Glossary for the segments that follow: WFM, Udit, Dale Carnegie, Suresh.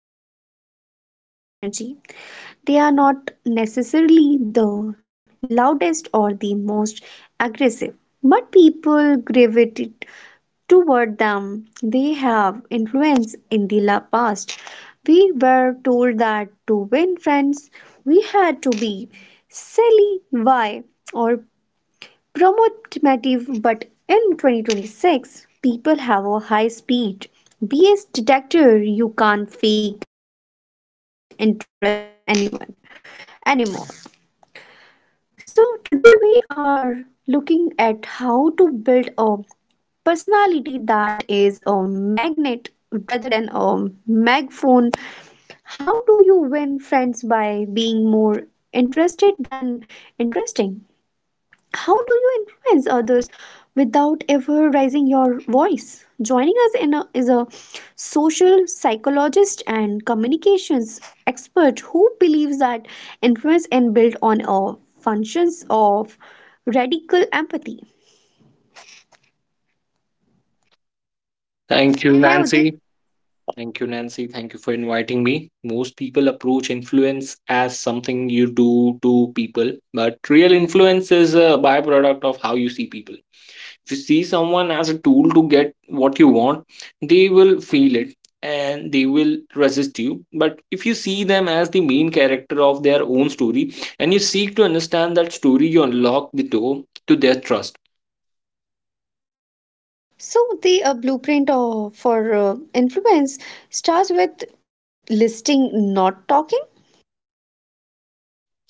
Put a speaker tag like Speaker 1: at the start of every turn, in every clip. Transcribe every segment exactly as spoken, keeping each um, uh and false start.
Speaker 1: And instantly changes the energy. They are not necessarily the loudest or the most aggressive, but people gravitate toward them. They have influence in the la- past. We were told that to win friends, we had to be silly, why, or promotive, but in twenty twenty-six, people have a high speed B S detector. You can't fake interest anyone anymore. So, today we are looking at how to build a personality that is a magnet rather than a megaphone. How do you win friends by being more interested than interesting? How do you influence others without ever raising your voice? Joining us in a, is a social psychologist and communications expert who believes that influence and build on a functions of radical empathy.
Speaker 2: Thank you,
Speaker 1: Hey, Udit.
Speaker 2: Nancy. Thank you, Nancy. Thank you for inviting me. Most people approach influence as something you do to people, but real influence is a byproduct of how you see people. If you see someone as a tool to get what you want, they will feel it and they will resist you. But if you see them as the main character of their own story and you seek to understand that story, you unlock the door to their trust.
Speaker 1: So the uh, blueprint of, for uh, influence starts with listening, not talking.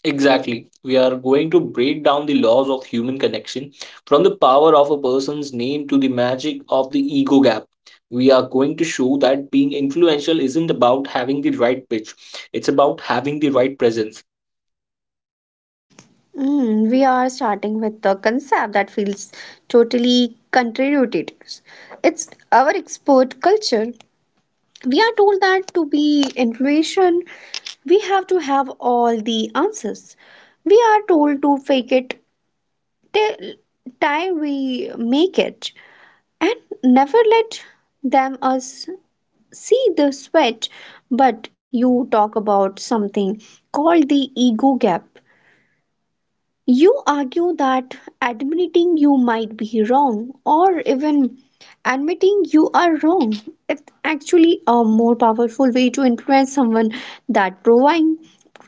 Speaker 2: Exactly. We are going to break down the laws of human connection from the power of a person's name to the magic of the ego gap. We are going to show that being influential isn't about having the right pitch, it's about having the right presence.
Speaker 1: Mm, we are starting with a concept that feels totally contrary. It's our export culture. We are told that to be information, we have to have all the answers. We are told to fake it till time we make it and never let them us see the sweat. But you talk about something called the ego gap. You argue that admitting you might be wrong or even admitting you are wrong is actually a more powerful way to influence someone than proving,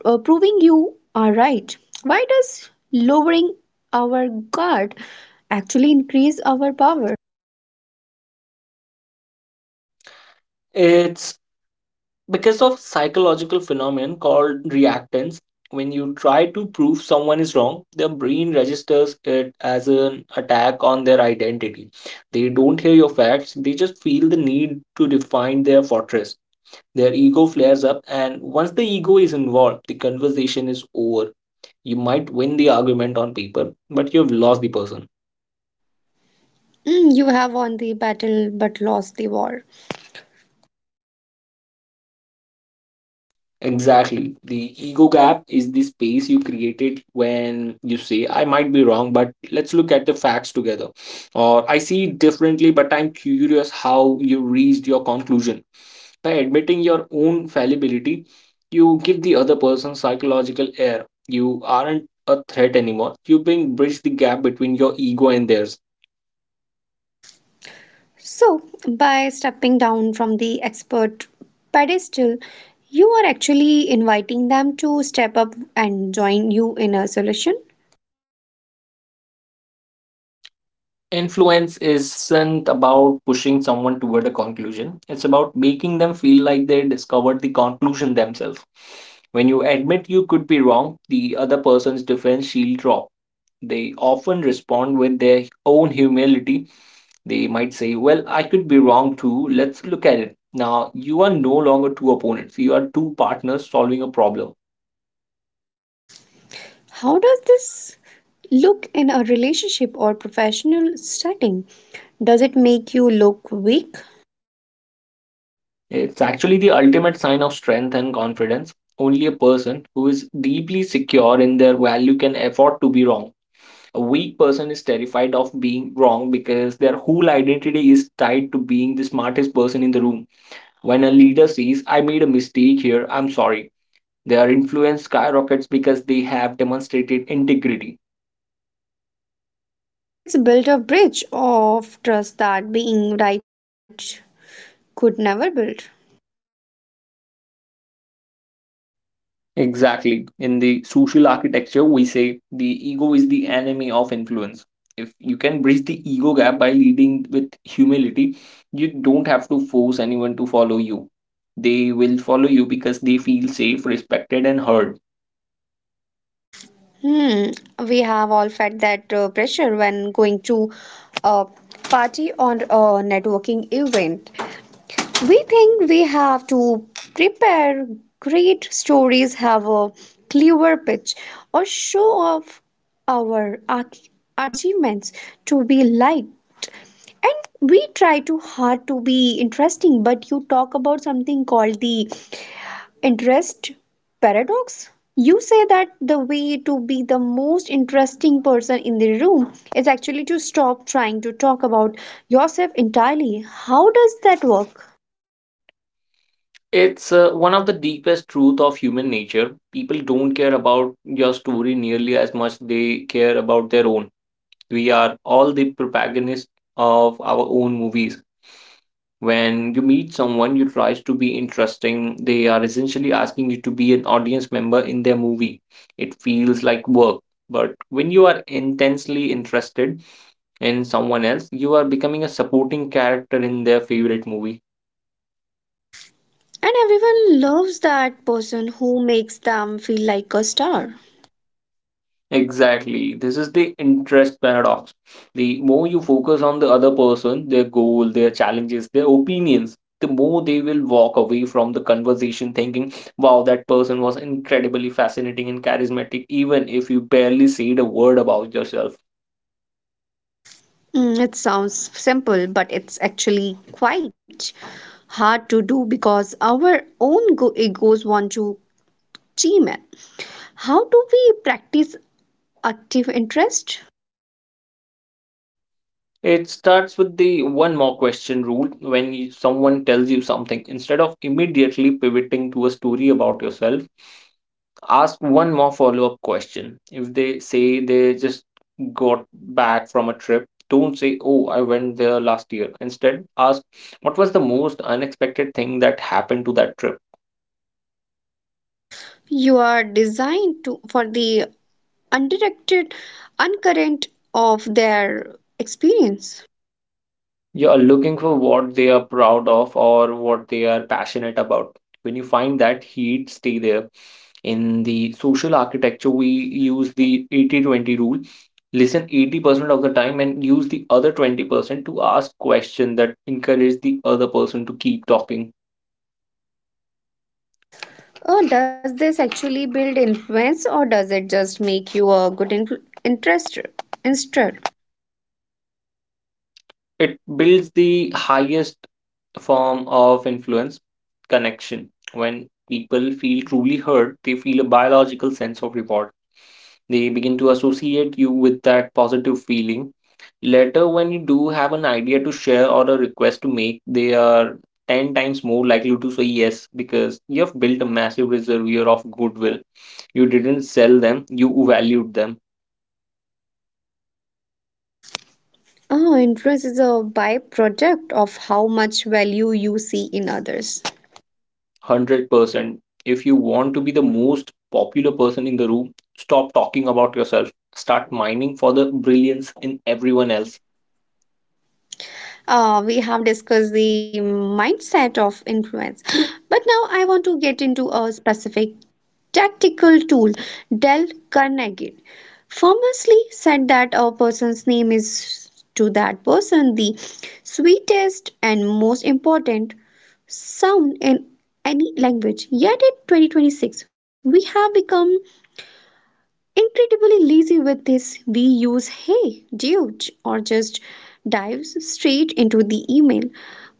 Speaker 1: uh, proving you are right. Why does lowering our guard actually increase our power?
Speaker 2: It's because of psychological phenomenon called reactance. When you try to prove someone is wrong, their brain registers it as an attack on their identity. They don't hear your facts, they just feel the need to define their fortress. Their ego flares up, and once the ego is involved, the conversation is over. You might win the argument on paper, but you've lost the person.
Speaker 1: Mm, you have won the battle but lost the war.
Speaker 2: Exactly. The ego gap is the space you created when you say, I might be wrong, but let's look at the facts together. Or I see it differently, but I'm curious how you reached your conclusion. By admitting your own fallibility, you give the other person psychological air. You aren't a threat anymore. You being bridge the gap between your ego and theirs.
Speaker 1: So, by stepping down from the expert pedestal, you are actually inviting them to step up and join you in a solution.
Speaker 2: Influence isn't about pushing someone toward a conclusion. It's about making them feel like they discovered the conclusion themselves. When you admit you could be wrong, the other person's defense shield drop. They often respond with their own humility. They might say, Well, I could be wrong too. Let's look at it. Now, you are no longer two opponents, you are two partners solving a problem.
Speaker 1: How does this look in a relationship or professional setting? Does it make you look weak?
Speaker 2: It's actually the ultimate sign of strength and confidence. Only a person who is deeply secure in their value can afford to be wrong. A weak person is terrified of being wrong because their whole identity is tied to being the smartest person in the room. When a leader says, I made a mistake here, I'm sorry, their influence skyrockets because they have demonstrated integrity.
Speaker 1: It's built a bridge of trust that being right could never build.
Speaker 2: Exactly. In the social architecture, we say the ego is the enemy of influence. If you can bridge the ego gap by leading with humility, you don't have to force anyone to follow you. They will follow you because they feel safe, respected, and heard.
Speaker 1: Hmm, we have all felt that uh, pressure when going to a party or a networking event. We think we have to prepare great stories, have a clever pitch, or show off our arch- achievements to be liked. And we try too hard to be interesting, but you talk about something called the interest paradox. You say that the way to be the most interesting person in the room is actually to stop trying to talk about yourself entirely. How does that work?
Speaker 2: It's uh, one of the deepest truth of human nature. People don't care about your story nearly as much they care about their own. We are all the protagonists of our own movies. When you meet someone you try to be interesting, they are essentially asking you to be an audience member in their movie. It feels like work, but when you are intensely interested in someone else you are becoming a supporting character in their favorite movie.
Speaker 1: And everyone loves that person who makes them feel like a star.
Speaker 2: Exactly. This is the interest paradox. The more you focus on the other person, their goal, their challenges, their opinions, the more they will walk away from the conversation thinking, wow, that person was incredibly fascinating and charismatic, even if you barely said a word about yourself.
Speaker 1: Mm, it sounds simple, but it's actually quite hard to do because our own go- egos want to team it. How do we practice active interest?
Speaker 2: It starts with the one more question rule. When you- someone tells you something, instead of immediately pivoting to a story about yourself, ask one more follow-up question. If they say they just got back from a trip, don't say, oh, I went there last year. Instead, ask, what was the most unexpected thing that happened to that trip?
Speaker 1: You are designed to for the undirected uncurrent of their experience.
Speaker 2: You are looking for what they are proud of or what they are passionate about. When you find that heat, stay there. In the social architecture, we use the eighty twenty rule. Listen eighty percent of the time and use the other twenty percent to ask questions that encourage the other person to keep talking.
Speaker 1: Oh, does this actually build influence or does it just make you a good influ- interester? Instead,
Speaker 2: It builds the highest form of influence connection. When people feel truly heard, they feel a biological sense of reward. They begin to associate you with that positive feeling. Later, when you do have an idea to share or a request to make, they are ten times more likely to say yes because you have built a massive reservoir of goodwill. You didn't sell them, you valued them.
Speaker 1: oh, interest is a byproduct of how much value you see in others.
Speaker 2: one hundred percent. If you want to be the most popular person in the room, stop talking about yourself. Start mining for the brilliance in everyone else.
Speaker 1: Uh, we have discussed the mindset of influence, but now I want to get into a specific tactical tool, Dale Carnegie. Famously said that a person's name is to that person the sweetest and most important sound in any language. Yet in twenty twenty-six, we have become incredibly lazy with this. We use hey, dude, or just dive straight into the email.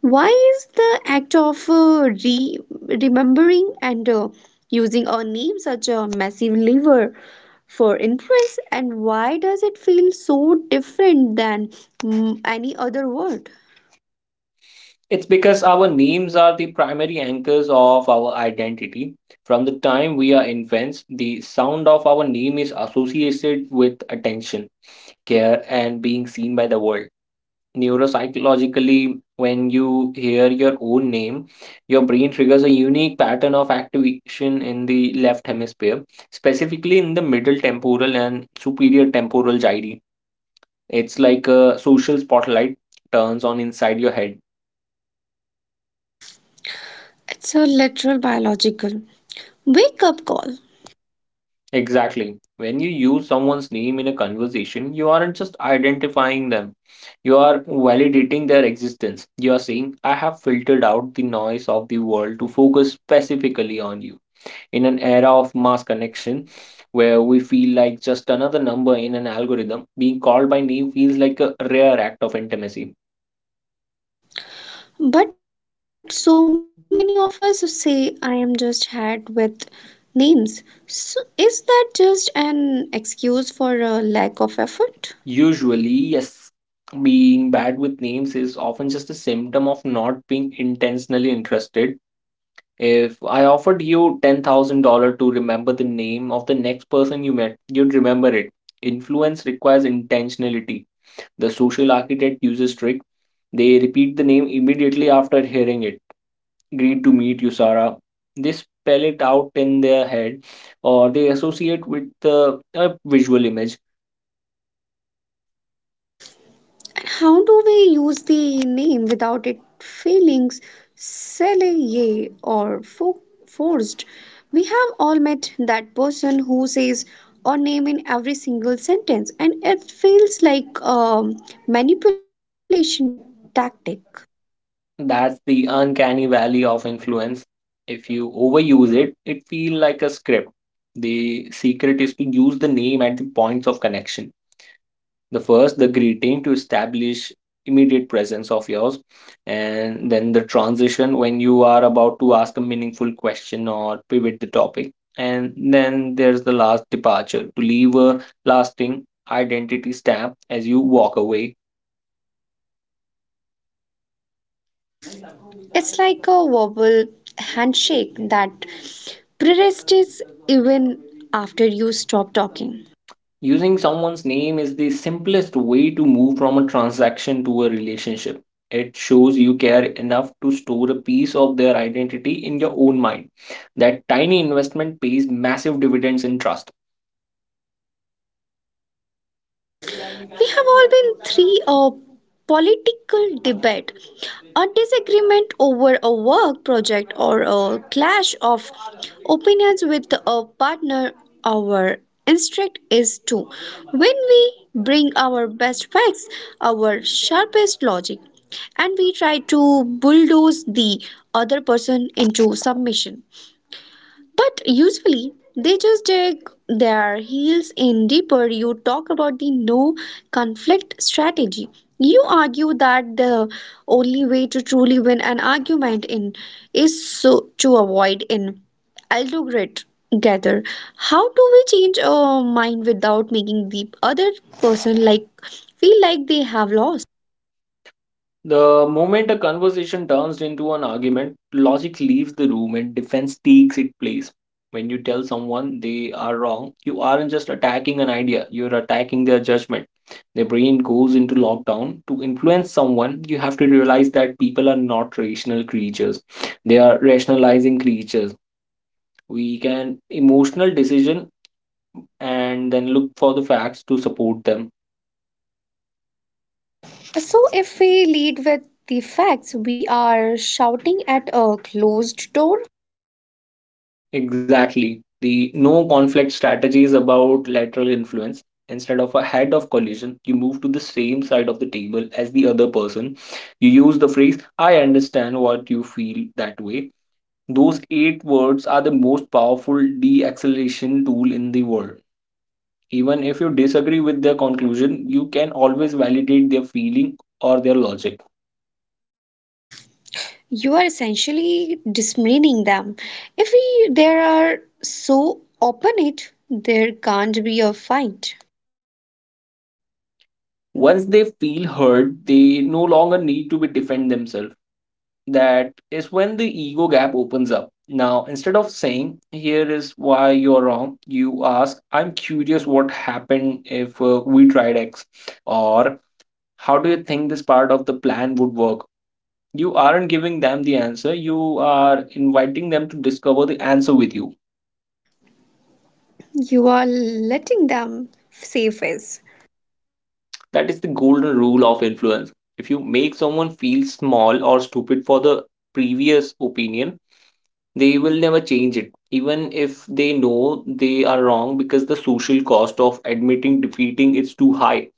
Speaker 1: Why is the act of uh, re- remembering and uh, using our name such a massive lever for influence, and why does it feel so different than mm, any other word?
Speaker 2: It's because our names are the primary anchors of our identity. From the time we are infants, the sound of our name is associated with attention, care, and being seen by the world. Neuropsychologically, when you hear your own name, your brain triggers a unique pattern of activation in the left hemisphere, specifically in the middle temporal and superior temporal gyri. It's like a social spotlight turns on inside your head.
Speaker 1: It's a literal biological wake up call.
Speaker 2: Exactly. When you use someone's name in a conversation, you aren't just identifying them, you are validating their existence. You are saying, I have filtered out the noise of the world to focus specifically on you. In an era of mass connection, where we feel like just another number in an algorithm, being called by name feels like a rare act of intimacy.
Speaker 1: But so many of us say I am just had with names. So is that just an excuse for a lack of effort?
Speaker 2: Usually, yes, being bad with names is often just a symptom of not being intentionally interested. If I offered you ten thousand dollars to remember the name of the next person you met, you'd remember it. Influence requires intentionality. The social architect uses trick. They repeat the name immediately after hearing it. Greet to meet you, Sarah. They spell it out in their head, or they associate with the a visual image.
Speaker 1: And how do we use the name without feeling silly or fo- forced? We have all met that person who says or name in every single sentence, and it feels like a manipulation tactic.
Speaker 2: That's the uncanny valley of influence. If you overuse it, it feels like a script. The secret is to use the name at the points of connection. The first, the greeting, to establish immediate presence of yours, and then the transition when you are about to ask a meaningful question or pivot the topic, and then there's the last departure to leave a lasting identity stamp as you walk away.
Speaker 1: It's like a verbal handshake that persists even after you stop talking.
Speaker 2: Using someone's name is the simplest way to move from a transaction to a relationship. It shows you care enough to store a piece of their identity in your own mind. That tiny investment pays massive dividends in trust.
Speaker 1: We have all been through a political debate, a disagreement over a work project, or a clash of opinions with a partner. Our instinct is to, when we bring our best facts, our sharpest logic, and we try to bulldoze the other person into submission. But usually they just dig their heels in deeper. You talk about the no conflict strategy. You argue that the only way to argument in is so to avoid an aldograte gather. How do we change our mind without making the other person like feel like they have lost?
Speaker 2: The moment a conversation turns into an argument, logic leaves the room and defense takes its place. When you tell someone they are wrong, you aren't just attacking an idea, you're attacking their judgment. Their brain goes into lockdown. To influence someone, you have to realize that people are not rational creatures, they are rationalizing creatures. We can emotional decision and then look for the facts to support them.
Speaker 1: So, if we lead with the facts, we are shouting at a closed door.
Speaker 2: Exactly. The no conflict strategy is about lateral influence. Instead of a head of collision, you move to the same side of the table as the other person. You use the phrase, I understand what you feel that way. Those eight words are the most powerful de acceleration tool in the world. Even if you disagree with their conclusion, you can always validate their feeling or their logic.
Speaker 1: You are essentially dismissing them. If we there are so open it, there can't be a fight.
Speaker 2: Once they feel heard, they no longer need to be defend themselves. That is when the ego gap opens up. Now, instead of saying, here is why you're wrong, you ask, I'm curious what happened if uh, we tried X, or how do you think this part of the plan would work? You aren't giving them the answer, you are inviting them to discover the answer with you.
Speaker 1: You are letting them save face.
Speaker 2: That is the golden rule of influence. If you make someone feel small or stupid for the previous opinion, they will never change it, even if they know they are wrong because the social cost of admitting defeating is too high.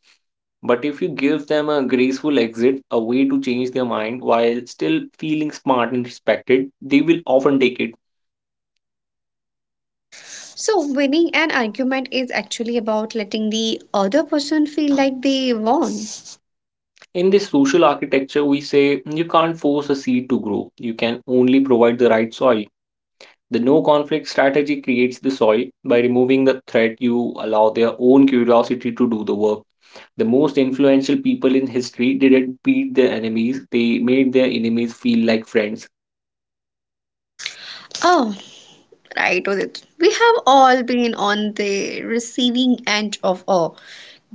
Speaker 2: But if you give them a graceful exit, a way to change their mind while still feeling smart and respected, they will often take it.
Speaker 1: So winning an argument is actually about letting the other person feel like they won.
Speaker 2: In this social architecture, we say you can't force a seed to grow, you can only provide the right soil. The no conflict strategy creates the soil by removing the threat, you allow their own curiosity to do the work. The most influential people in history didn't beat their enemies, they made their enemies feel like friends.
Speaker 1: Oh, right, Udit. We have all been on the receiving end of a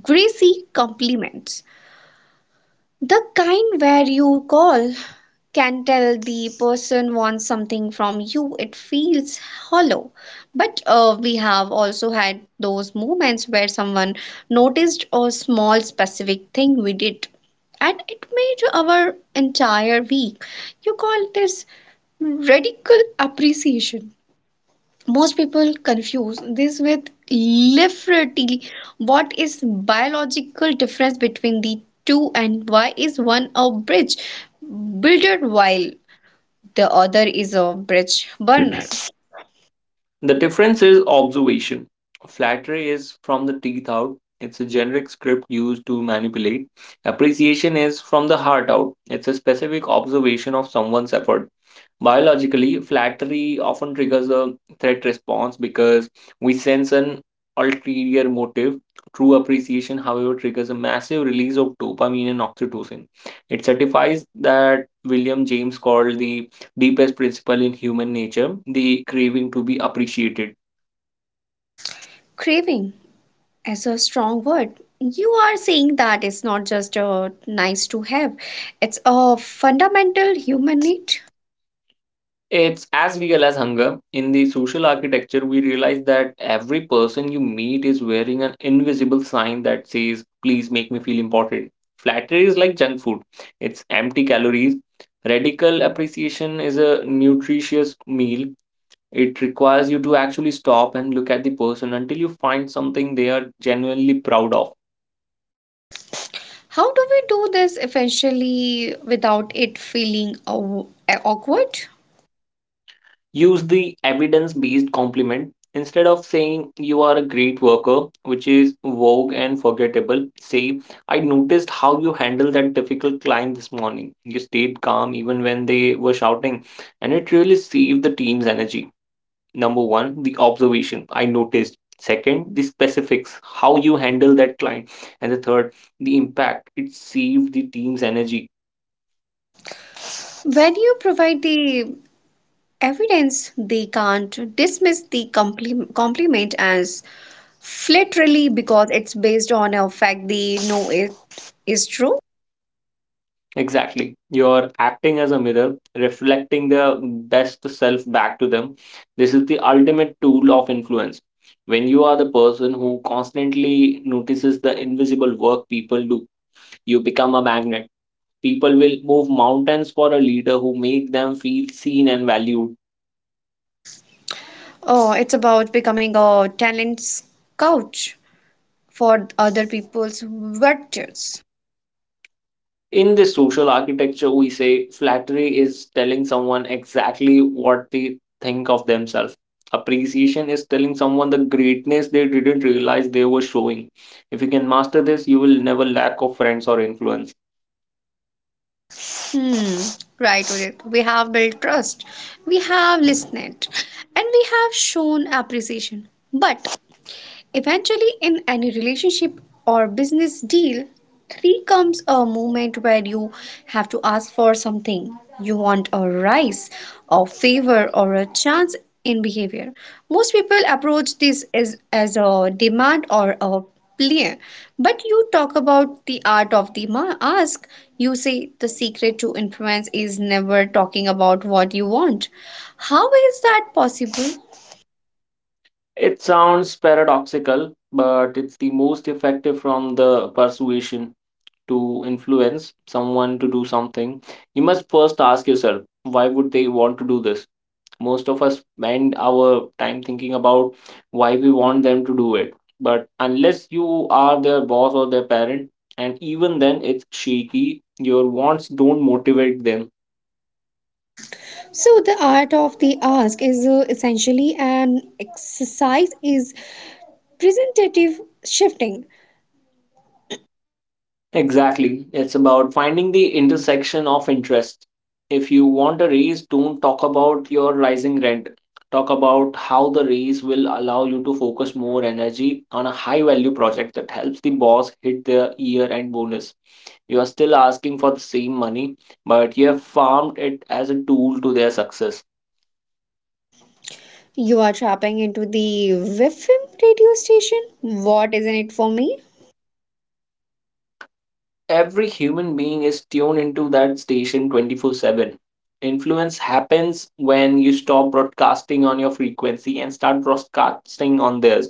Speaker 1: greasy compliment. The kind where you call can tell the person wants something from you. It feels hollow. But uh, we have also had those moments where someone noticed a small specific thing we did and it made our entire week. You call this radical appreciation. Most people confuse this with liberty. What is biological difference between the two and why is one a bridge builder while the other is a bridge burner?
Speaker 2: The difference is observation. Flattery is from the teeth out, it's a generic script used to manipulate. Appreciation is from the heart out, it's a specific observation of someone's effort. Biologically, flattery often triggers a threat response because we sense an ulterior motive. True appreciation, however, triggers a massive release of dopamine and oxytocin. It certifies that William James called the deepest principle in human nature, the craving to be appreciated.
Speaker 1: Craving is a strong word. You are saying that it's not just a nice to have, it's a fundamental human need.
Speaker 2: It's as real as hunger. In the social architecture, we realize that every person you meet is wearing an invisible sign that says, please make me feel important. Flattery is like junk food, it's empty calories. Radical appreciation is a nutritious meal. It requires you to actually stop and look at the person until you find something they are genuinely proud of.
Speaker 1: How do we do this essentially without it feeling aw- awkward?
Speaker 2: Use the evidence based compliment. Instead of saying you are a great worker, which is vogue and forgettable, say, I noticed how you handled that difficult client this morning. You stayed calm even when they were shouting, and it really saved the team's energy. Number one, the observation I noticed. Second, the specifics, how you handle that client. And the third, the impact. It saved the team's energy.
Speaker 1: When you provide the evidence, they can't dismiss the compli- compliment as flattery because it's based on a fact they know it is true.
Speaker 2: Exactly. You're acting as a mirror, reflecting the best self back to them. This is the ultimate tool of influence. When you are the person who constantly notices the invisible work people do, you become a magnet. People will move mountains for a leader who make them feel seen and valued.
Speaker 1: Oh, it's about becoming a talent scout for other people's virtues.
Speaker 2: In this social architecture, we say flattery is telling someone exactly what they think of themselves. Appreciation is telling someone the greatness they didn't realize they were showing. If you can master this, you will never lack of friends or influence.
Speaker 1: Hmm. Right, Udit. We have built trust, we have listened, and we have shown appreciation. But eventually, in any relationship or business deal, three comes a moment where you have to ask for something. You want a rise, a favor, or a chance in behavior. Most people approach this as, as a demand or a plea, but you talk about the art of the ma- ask. You say the secret to influence is never talking about what you want. How is that possible?
Speaker 2: It sounds paradoxical, but it's the most effective from the persuasion to influence someone to do something. You must first ask yourself, why would they want to do this? Most of us spend our time thinking about why we want them to do it. But unless you are their boss or their parent, and even then it's shaky, your wants don't motivate them.
Speaker 1: So the art of the ask is uh, essentially an exercise is presentative shifting.
Speaker 2: Exactly. It's about finding the intersection of interest. If you want a raise, don't talk about your rising rent. Talk about how the raise will allow you to focus more energy on a high value project that helps the boss hit their year end bonus. You are still asking for the same money, but you have farmed it as a tool to their success.
Speaker 1: You are tapping into the W F M radio station. What is in it for me?
Speaker 2: Every human being is tuned into that station twenty four seven. Influence happens when you stop broadcasting on your frequency and start broadcasting on theirs.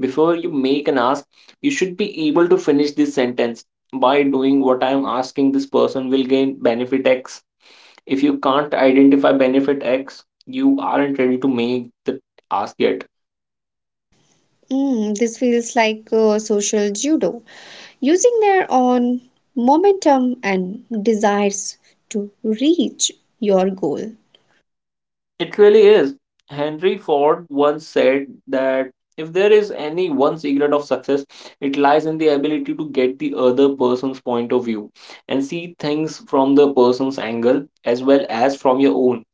Speaker 2: Before you make an ask, you should be able to finish this sentence. By doing what I am asking, this person will gain benefit x. If you can't identify benefit x, you aren't ready to make the ask yet.
Speaker 1: Mm, this feels like uh, social judo, using their own momentum and desires to reach your goal.
Speaker 2: It really is. Henry Ford once said that if there is any one secret of success, it lies in the ability to get the other person's point of view and see things from the person's angle as well as from your own.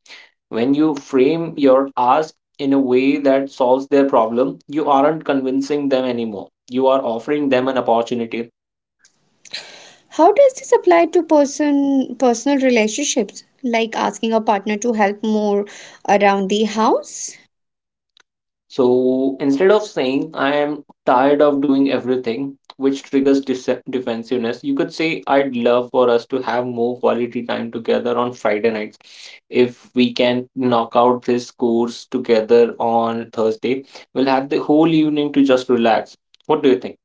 Speaker 2: When you frame your ask in a way that solves their problem, you aren't convincing them anymore. You are offering them an opportunity.
Speaker 1: How does this apply to person personal relationships, like asking a partner to help more around the house?
Speaker 2: So instead of saying I am tired of doing everything, which triggers dis- defensiveness, you could say I'd love for us to have more quality time together on Friday nights. If we can knock out this course together on Thursday, we'll have the whole evening to just relax. What do you think?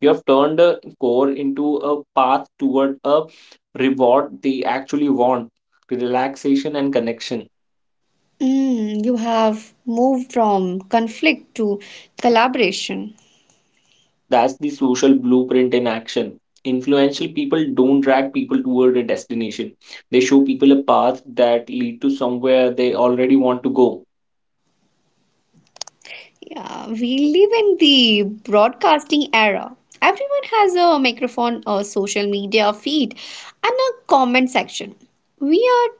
Speaker 2: You have turned a core into a path toward a reward they actually want, relaxation and connection.
Speaker 1: Mm, you have moved from conflict to collaboration.
Speaker 2: That's the social blueprint in action. Influential people don't drag people toward a destination. They show people a path that lead to somewhere they already want to go.
Speaker 1: Yeah, we live in the broadcasting era. Everyone has a microphone, a social media feed, and a comment section. We are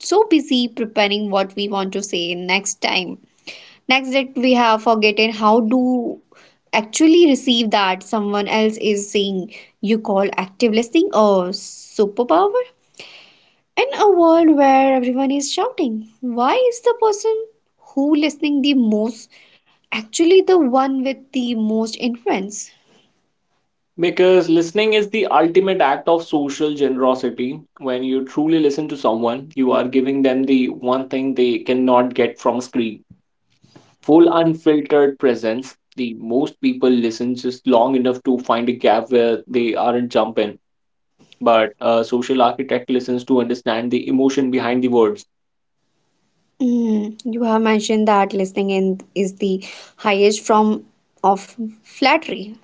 Speaker 1: so busy preparing what we want to say next time. Next that we have forgotten how to actually receive that someone else is saying. You call active listening a superpower. In a world where everyone is shouting, why is the person who listening the most actually the one with the most influence?
Speaker 2: Because listening is the ultimate act of social generosity. When you truly listen to someone, you are giving them the one thing they cannot get from a screen. Full unfiltered presence. The most people listen just long enough to find a gap where they aren't jumping, but a social architect listens to understand the emotion behind the words.
Speaker 1: Mm, you have mentioned that listening in is the highest form of flattery.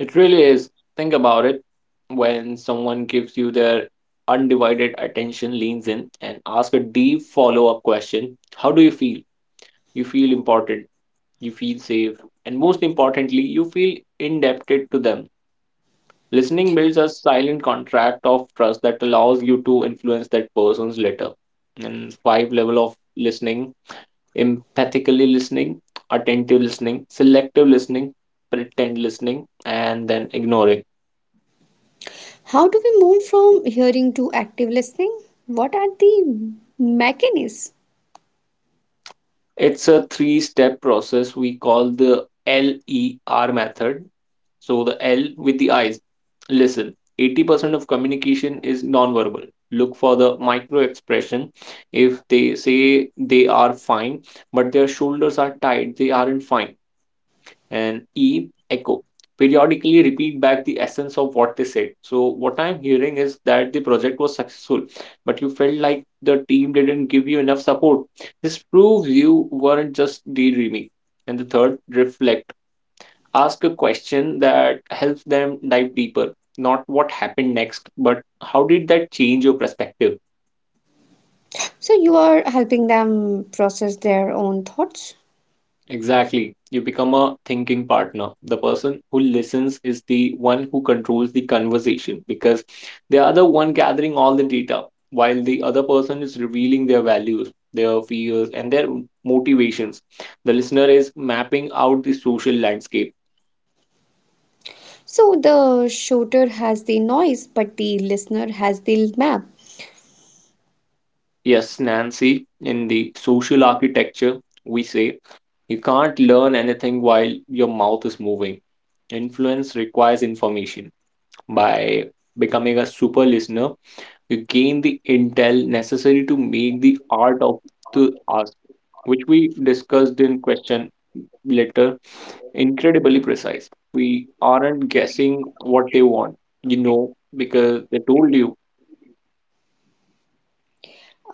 Speaker 2: It really is. Think about it. When someone gives you their undivided attention, leans in, and asks a deep follow up question, how do you feel? You feel important, you feel safe, and most importantly, you feel indebted to them. Listening builds a silent contract of trust that allows you to influence that person's letter. And five level of listening, empathically listening, attentive listening, selective listening, pretend listening, and then ignoring.
Speaker 1: How do we move from hearing to active listening? What are the mechanisms?
Speaker 2: It's a three step process we call the L E R method. So, the L with the eyes, listen. eighty percent of communication is nonverbal. Look for the micro expression. If they say they are fine, but their shoulders are tight, they aren't fine. And E, echo. Periodically repeat back the essence of what they said. So, what I'm hearing is that the project was successful, but you felt like the team didn't give you enough support. This proves you weren't just daydreaming. And the third, reflect. Ask a question that helps them dive deeper. Not what happened next, but how did that change your perspective?
Speaker 1: So you are helping them process their own thoughts.
Speaker 2: Exactly. You become a thinking partner. The person who listens is the one who controls the conversation because they are the one gathering all the data, while the other person is revealing their values, their fears, and their motivations. The listener is mapping out the social landscape.
Speaker 1: So the shooter has the noise, but the listener has the map.
Speaker 2: Yes, Nancy, in the social architecture, we say you can't learn anything while your mouth is moving. Influence requires information. By becoming a super listener, you gain the intel necessary to make the art of the ask, which we discussed in question later, incredibly precise. We aren't guessing what they want, you know, because they told you.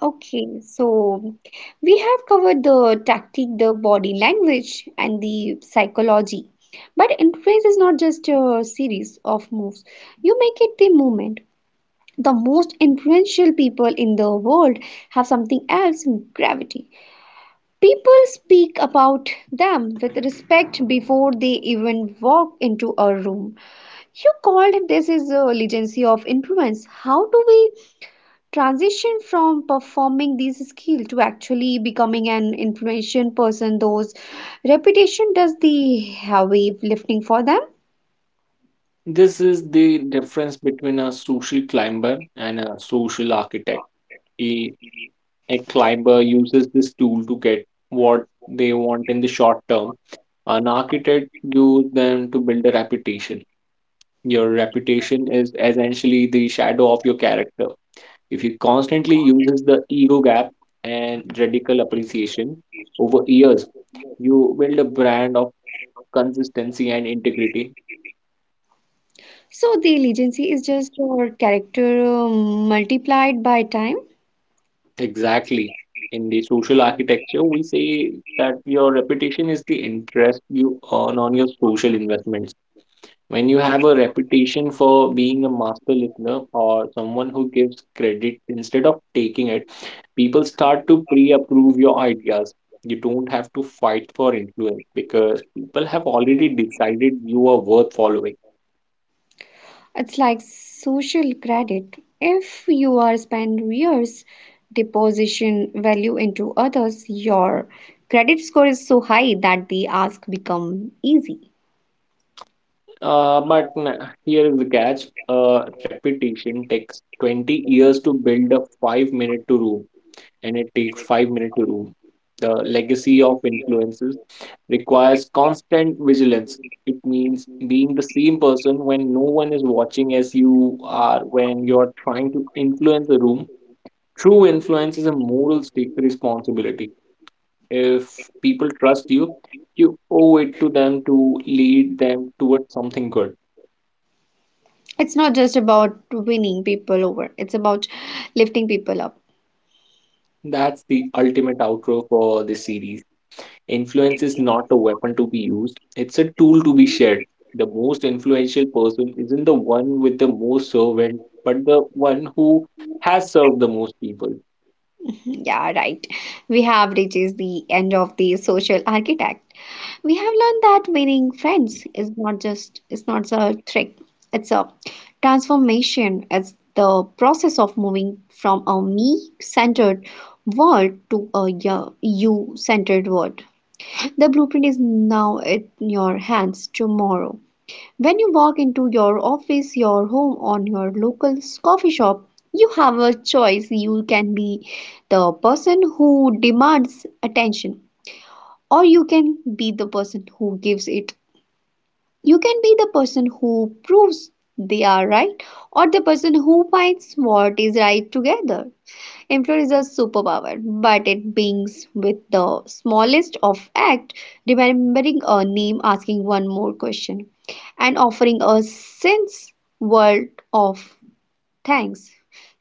Speaker 1: Okay, so we have covered the tactic, the body language, and the psychology. But influence is not just a series of moves, you make it the movement. The most influential people in the world have something else in gravity. People speak about them with respect before they even walk into a room. You called this is a legacy of influence. How do we transition from performing these skills to actually becoming an information person those reputation does the heavy lifting for them?
Speaker 2: This is the difference between a social climber and a social architect. A climber uses this tool to get what they want in the short term. An architect uses them to build a reputation. Your reputation is essentially the shadow of your character. If you constantly uses the ego gap and radical appreciation over years, you build a brand of consistency and integrity.
Speaker 1: So the legacy is just your character uh, multiplied by time.
Speaker 2: Exactly. In the social architecture, we say that your reputation is the interest you earn on your social investments. When you have a reputation for being a master listener or someone who gives credit instead of taking it, people start to pre approve your ideas. You don't have to fight for influence because people have already decided you are worth following.
Speaker 1: It's like social credit. If you are spend years deposition value into others, your credit score is so high that the ask become easy.
Speaker 2: Uh, but n- here is the catch, uh, reputation takes twenty years to build a five minute to room, and it takes five minutes to room. The legacy of influences requires constant vigilance. It means being the same person when no one is watching as you are when you're trying to influence a room. True influence is a moral stake responsibility. If people trust you, you owe it to them to lead them towards something good.
Speaker 1: It's not just about winning people over, it's about lifting people up.
Speaker 2: That's the ultimate outro for this series. Influence is not a weapon to be used, it's a tool to be shared. The most influential person isn't the one with the most servant, but the one who has served the most people.
Speaker 1: Yeah, right, we have reached the end of the social architect. We have learned that winning friends is not just, it's not a trick, it's a transformation. It's the process of moving from a me centered world to a you centered world. The blueprint is now in your hands tomorrow. When you walk into your office, your home, or your local coffee shop, you have a choice. You can be the person who demands attention, or you can be the person who gives it. You can be the person who proves they are right, or the person who finds what is right together. Influence is a superpower, but it begins with the smallest of act, remembering a name, asking one more question, and offering a sense world of thanks.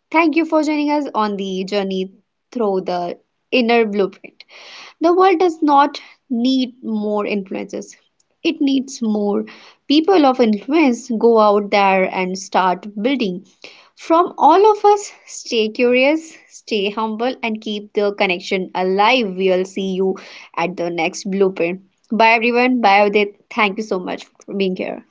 Speaker 1: Thank you for joining us on the journey through the inner blueprint. The world does not need more influences. It needs more people of influence go out there and start building. From all of us, stay curious, stay humble, and keep the connection alive. We'll see you at the next blueprint. Bye, everyone. Bye, Udit. Thank you so much for being here.